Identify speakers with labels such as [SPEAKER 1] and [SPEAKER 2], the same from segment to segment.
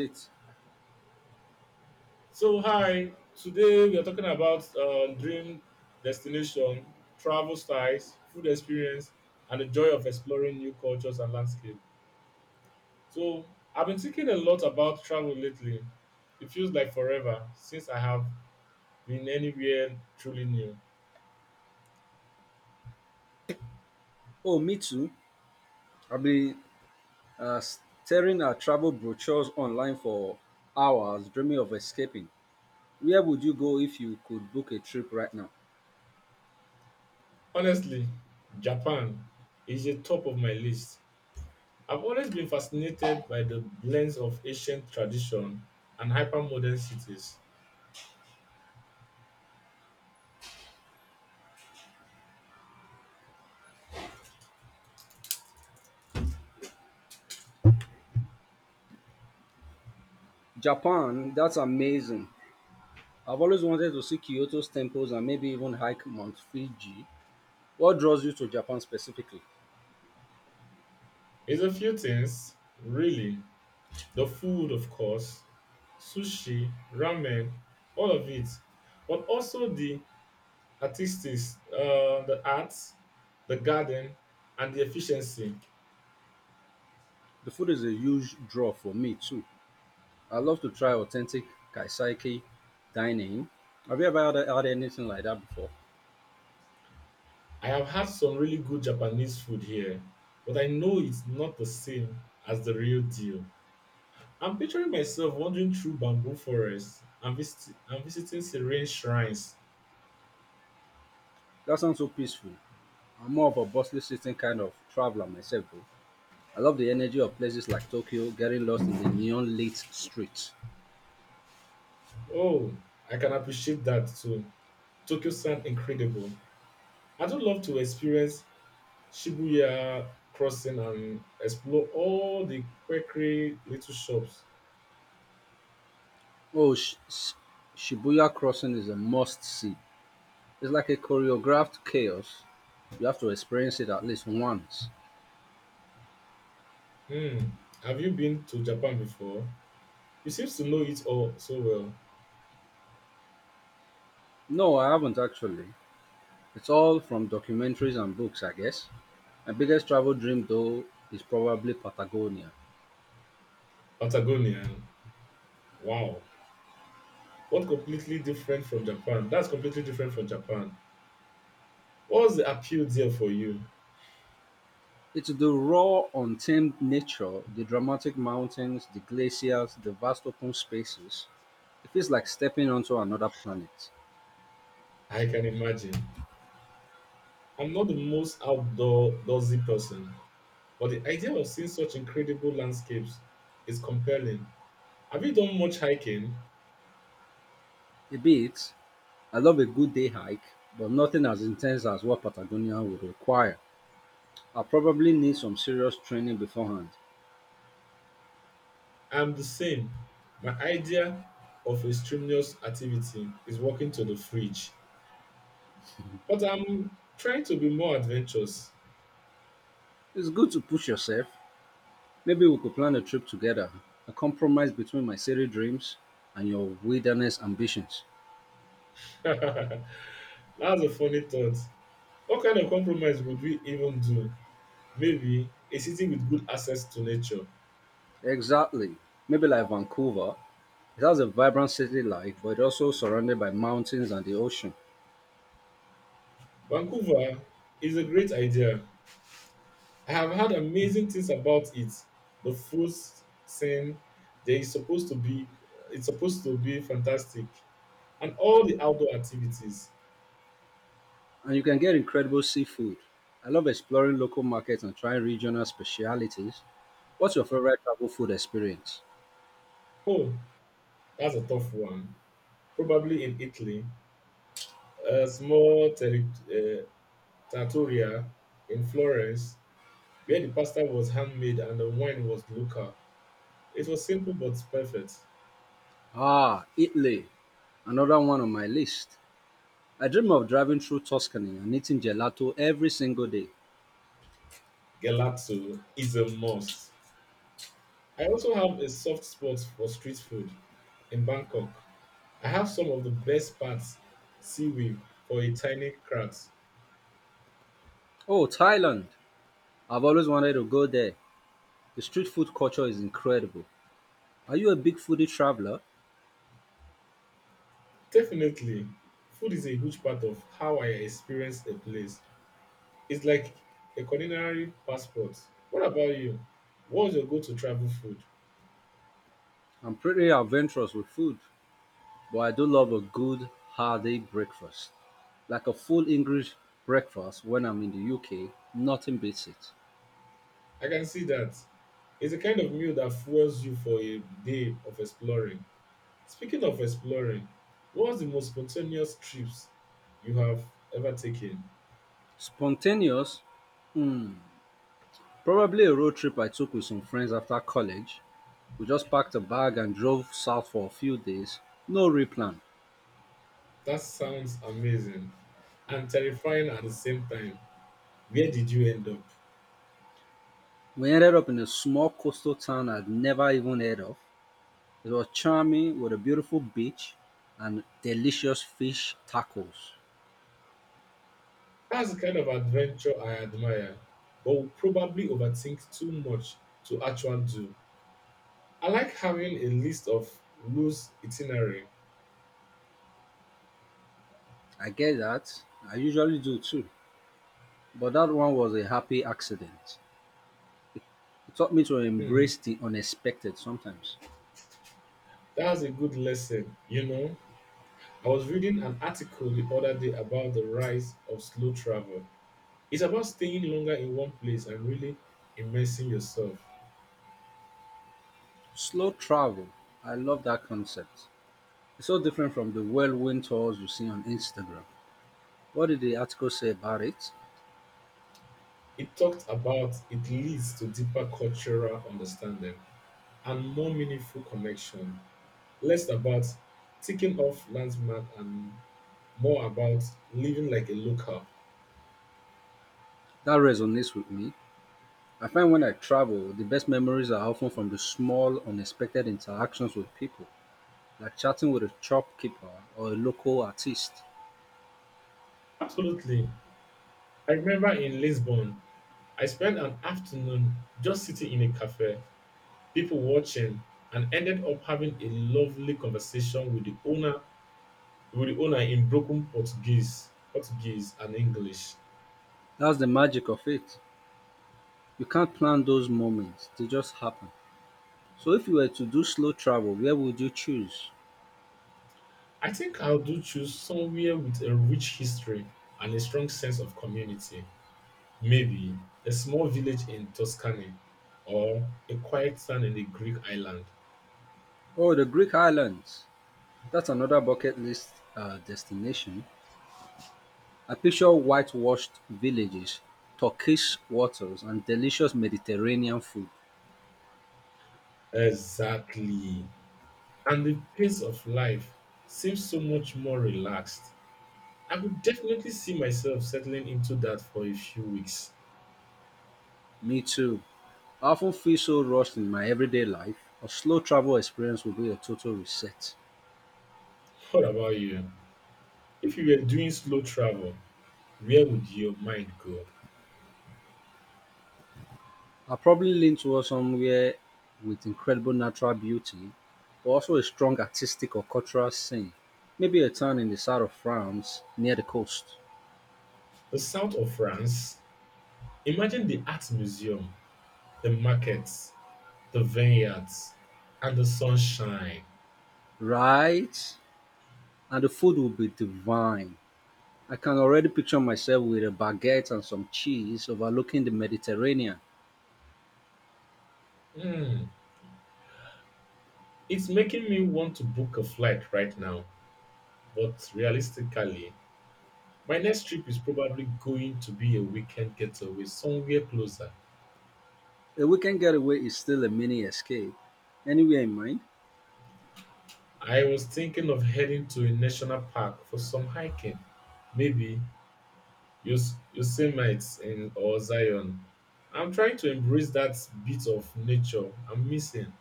[SPEAKER 1] Great.
[SPEAKER 2] So, hi, today we are talking about dream destination, travel styles, food experience, and the joy of exploring new cultures and landscape. So, I've been thinking a lot about travel lately. It feels like forever since I have been anywhere truly new.
[SPEAKER 1] Oh, me too. I've been staring at travel brochures online for hours, dreaming of escaping. Where would you go if you could book a trip right now?
[SPEAKER 2] Honestly, Japan is the top of my list. I've always been fascinated by the blends of ancient tradition and hyper modern cities.
[SPEAKER 1] Japan, that's amazing. I've always wanted to see Kyoto's temples and maybe even hike Mount Fuji. What draws you to Japan specifically?
[SPEAKER 2] It's a few things, really. The food, of course, sushi, ramen, all of it, but also the the arts, the garden, and the efficiency.
[SPEAKER 1] The food is a huge draw for me too. I love to try authentic kaiseki dining. Have you ever had anything like that before?
[SPEAKER 2] I have had some really good Japanese food here, but I know it's not the same as the real deal. I'm picturing myself wandering through bamboo forests and, visiting serene shrines.
[SPEAKER 1] That sounds so peaceful. I'm more of a bustling city kind of traveler myself, though. I love the energy of places like Tokyo, getting lost in the neon lit streets.
[SPEAKER 2] Oh, I can appreciate that too. Tokyo sounds incredible. I do love to experience Shibuya crossing and explore all the quirky little shops.
[SPEAKER 1] Oh, Shibuya Crossing is a must see. It's like a choreographed chaos. You have to experience it at least once.
[SPEAKER 2] Hmm. Have you been to Japan before? You seem to know it all so well.
[SPEAKER 1] No, I haven't actually. It's all from documentaries and books, I guess. My biggest travel dream, though, is probably Patagonia.
[SPEAKER 2] Patagonia. Wow. What completely different from Japan? That's completely different from Japan. What's the appeal there for you?
[SPEAKER 1] It's the raw, untamed nature, the dramatic mountains, the glaciers, the vast open spaces. It feels like stepping onto another planet.
[SPEAKER 2] I can imagine. I'm not the most outdoorsy person, but the idea of seeing such incredible landscapes is compelling. Have you done much hiking?
[SPEAKER 1] A bit, I love a good day hike, but nothing as intense as what Patagonia would require. I will probably need some serious training beforehand.
[SPEAKER 2] I'm the same. My idea of a strenuous activity is walking to the fridge, but I'm trying to be more adventurous.
[SPEAKER 1] It's good to push yourself. Maybe we could plan a trip together, a compromise between my city dreams and your wilderness ambitions.
[SPEAKER 2] That's a funny thought. What kind of compromise would we even do? Maybe a city with good access to nature.
[SPEAKER 1] Exactly. Maybe like Vancouver, it has a vibrant city life, but it's also surrounded by mountains and the ocean.
[SPEAKER 2] Vancouver is a great idea. I have heard amazing things about it. The food scene, there is supposed to be, it's supposed to be fantastic, and all the outdoor activities.
[SPEAKER 1] And you can get incredible seafood. I love exploring local markets and trying regional specialities. What's your favorite travel food experience?
[SPEAKER 2] Oh, that's a tough one. Probably in Italy, a small uh, trattoria in Florence where the pasta was handmade and the wine was local. It was simple but perfect.
[SPEAKER 1] Ah, Italy. Another one on my list. I dream of driving through Tuscany and eating gelato every single day.
[SPEAKER 2] Gelato is a must. I also have a soft spot for street food in Bangkok. I have some of the best parts seaweed for a tiny crowd.
[SPEAKER 1] Oh, Thailand. I've always wanted to go there. The street food culture is incredible. Are you a big foodie traveler?
[SPEAKER 2] Definitely, food is a huge part of how I experience a place. It's like a culinary passport. What about you? What's your go-to travel food?
[SPEAKER 1] I'm pretty adventurous with food. But I do love a good hearty breakfast. Like a full English breakfast when I'm in the UK, nothing beats it.
[SPEAKER 2] I can see that. It's a kind of meal that fuels you for a day of exploring. Speaking of exploring, what's the most spontaneous trips you have ever taken?
[SPEAKER 1] Spontaneous, hmm, probably a road trip I took with some friends after college. We just packed a bag and drove south for a few days. No real plan.
[SPEAKER 2] That sounds amazing and terrifying at the same time. Where did you end up?
[SPEAKER 1] We ended up in a small coastal town I'd never even heard of. It was charming with a beautiful beach and delicious fish tacos.
[SPEAKER 2] That's the kind of adventure I admire, but would probably overthink too much to actually do. I like having a list of loose itinerary.
[SPEAKER 1] I get that. I usually do too. But that one was a happy accident. It taught me to
[SPEAKER 2] Hmm,
[SPEAKER 1] embrace the unexpected sometimes.
[SPEAKER 2] that's a good lesson, you know. I was reading an article the other day about the rise of slow travel. It's about staying longer in one place and really immersing yourself.
[SPEAKER 1] Slow travel. I love that concept. It's so different from the whirlwind tours you see on Instagram. What did the article say about it?
[SPEAKER 2] It talked about it leads to deeper cultural understanding and more meaningful connection, less about ticking off landmark and more about living like a local.
[SPEAKER 1] That resonates with me. I find when I travel, the best memories are often from the small, unexpected interactions with people, like chatting with a shopkeeper or a local artist.
[SPEAKER 2] Absolutely. I remember in Lisbon, I spent an afternoon just sitting in a cafe, people watching, and ended up having a lovely conversation with the owner in broken Portuguese and English.
[SPEAKER 1] That's the magic of it. You can't plan those moments, they just happen. So, if you were to do slow travel, where would you choose?
[SPEAKER 2] I think I do choose somewhere with a rich history and a strong sense of community. Maybe a small village in Tuscany or a quiet town in a Greek island.
[SPEAKER 1] Oh, the Greek islands. That's another bucket list destination. I picture whitewashed villages, turquoise waters, and delicious Mediterranean food.
[SPEAKER 2] Exactly. And the pace of life seems so much more relaxed. I could definitely see myself settling into that for a few weeks.
[SPEAKER 1] Me too. I often feel so rushed in my everyday life. A slow travel experience would be a total reset.
[SPEAKER 2] What about you? If you were doing slow travel, where would your mind go?
[SPEAKER 1] I'll probably lean towards somewhere with incredible natural beauty, but also a strong artistic or cultural scene. Maybe a town in the south of France near the coast.
[SPEAKER 2] The south of France? Imagine the art museum, the markets, the vineyards, and the sunshine.
[SPEAKER 1] Right? And the food will be divine. I can already picture myself with a baguette and some cheese overlooking the Mediterranean.
[SPEAKER 2] Hmm, it's making me want to book a flight right now. But realistically, my next trip is probably going to be a weekend getaway somewhere closer.
[SPEAKER 1] A weekend getaway is still a mini escape. Anywhere in mind?
[SPEAKER 2] I was thinking of heading to a national park for some hiking. Maybe Yosemite in, or Zion. I'm trying to embrace that bit of nature I'm missing.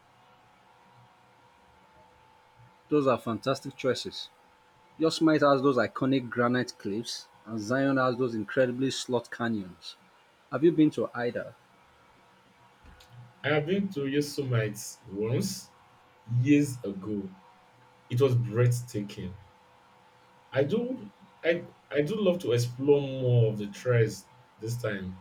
[SPEAKER 1] Those are fantastic choices. Your Smite has those iconic granite cliffs, and Zion has those incredibly slot canyons. Have you been to either?
[SPEAKER 2] I have been to Yosemite once years ago. It was breathtaking. I do I I do love to explore more of the trails this time.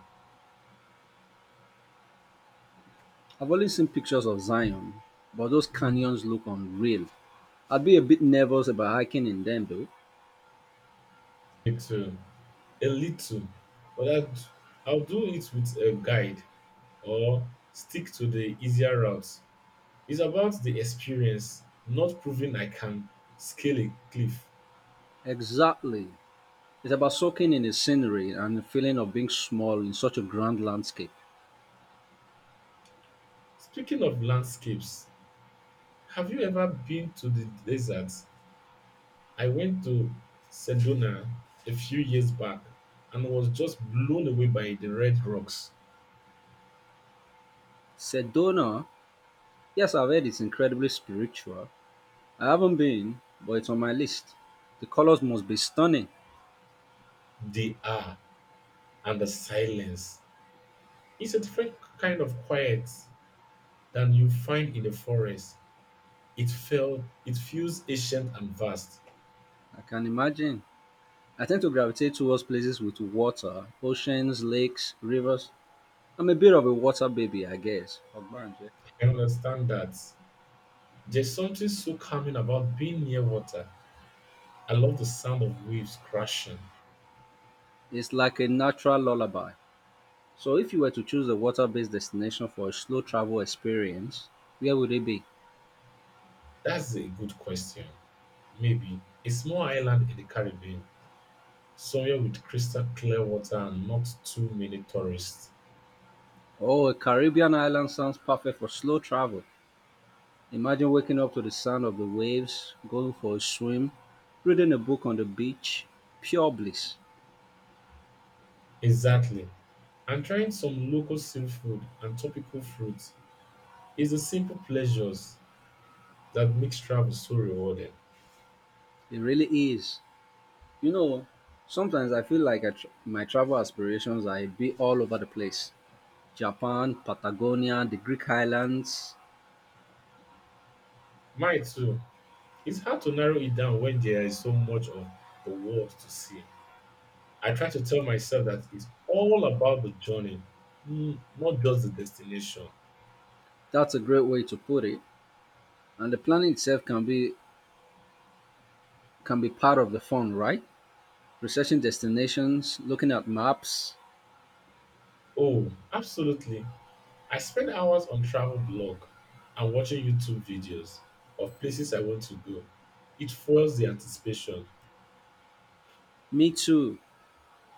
[SPEAKER 1] I've only seen pictures of Zion, but those canyons look unreal. I'd be a bit nervous about hiking in them though.
[SPEAKER 2] Me too. A little, but I'd, I'll do it with a guide or stick to the easier routes. It's about the experience, not proving I can scale a cliff.
[SPEAKER 1] Exactly. It's about soaking in the scenery and the feeling of being small in such a grand landscape.
[SPEAKER 2] Speaking of landscapes, have you ever been to the desert? I went to Sedona a few years back and was just blown away by the red rocks,
[SPEAKER 1] Sedona, yes, I've heard it's incredibly spiritual. I haven't been, but it's on my list. The colors must be stunning.
[SPEAKER 2] the air, and the silence. It's a different kind of quiet than you find in the forest. It feels ancient and vast.
[SPEAKER 1] I can imagine. I tend to gravitate towards places with water, oceans, lakes, rivers. I'm a bit of a water baby, I guess. Ogbanje.
[SPEAKER 2] I understand that. There's something so calming about being near water. I love the sound of waves crashing.
[SPEAKER 1] It's like a natural lullaby. So, if you were to choose a water based destination for a slow travel experience, where would it be?
[SPEAKER 2] That's a good question. Maybe a small island in the Caribbean, somewhere with crystal clear water and not too many tourists.
[SPEAKER 1] Oh, a Caribbean island sounds perfect for slow travel. Imagine waking up to the sound of the waves, going for a swim, reading a book on the beach. Pure bliss.
[SPEAKER 2] Exactly. And trying some local seafood and tropical fruits is the simple pleasures that makes travel so rewarding.
[SPEAKER 1] It really is. You know, sometimes I feel like my travel aspirations are a bit all over the place. Japan, Patagonia, the Greek islands.
[SPEAKER 2] My too. It's hard to narrow it down when there is so much of the world to see. I try to tell myself that it's all about the journey, not just the destination.
[SPEAKER 1] That's a great way to put it. And the planning itself can be part of the fun, right? Researching destinations, looking at maps.
[SPEAKER 2] Oh, absolutely. I spend hours on travel blog and watching YouTube videos of places I want to go. It fuels the anticipation.
[SPEAKER 1] Me too.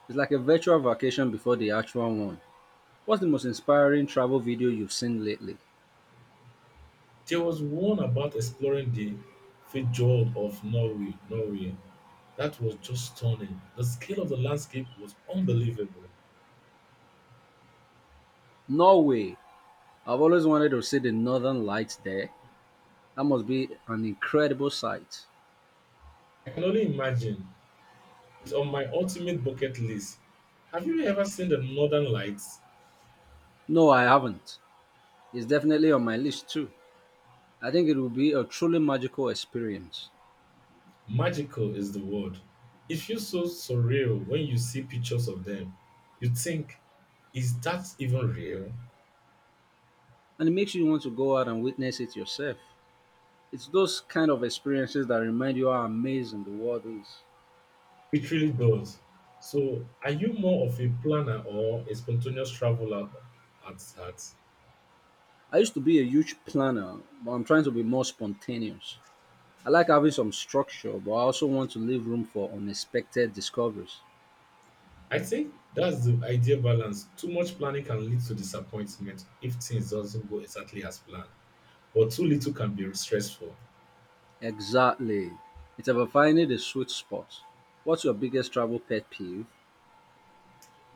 [SPEAKER 1] It's like a virtual vacation before the actual one. What's the most inspiring travel video you've seen lately?
[SPEAKER 2] There was one about exploring the fjord of Norway. That was just stunning. The scale of the landscape was unbelievable.
[SPEAKER 1] Norway. I've always wanted to see the northern lights there. That must be an incredible sight.
[SPEAKER 2] I can only imagine. It's on my ultimate bucket list. Have you ever seen the Northern Lights?
[SPEAKER 1] No, I haven't. It's definitely on my list too. I think it will be a truly magical experience.
[SPEAKER 2] Magical is the word. It feels so surreal when you see pictures of them. You think, is that even real?
[SPEAKER 1] And it makes you want to go out and witness it yourself. It's those kind of experiences that remind you how amazing the world is.
[SPEAKER 2] It really does. So, are you more of a planner or a spontaneous traveler at heart?
[SPEAKER 1] I used to be a huge planner, but I'm trying to be more spontaneous. I like having some structure, but I also want to leave room for unexpected discoveries.
[SPEAKER 2] I think that's the ideal balance. Too much planning can lead to disappointment if things doesn't go exactly as planned, or too little can be stressful.
[SPEAKER 1] Exactly. It's about finding the sweet spot. What's your biggest travel pet peeve?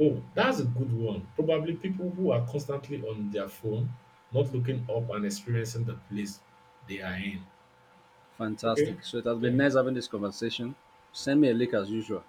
[SPEAKER 2] Oh, that's a good one. Probably people who are constantly on their phone, not looking up and experiencing the place they are in. Okay,
[SPEAKER 1] Fantastic. So it has been
[SPEAKER 2] thank
[SPEAKER 1] nice
[SPEAKER 2] you.
[SPEAKER 1] having this conversation. Send me a link as usual.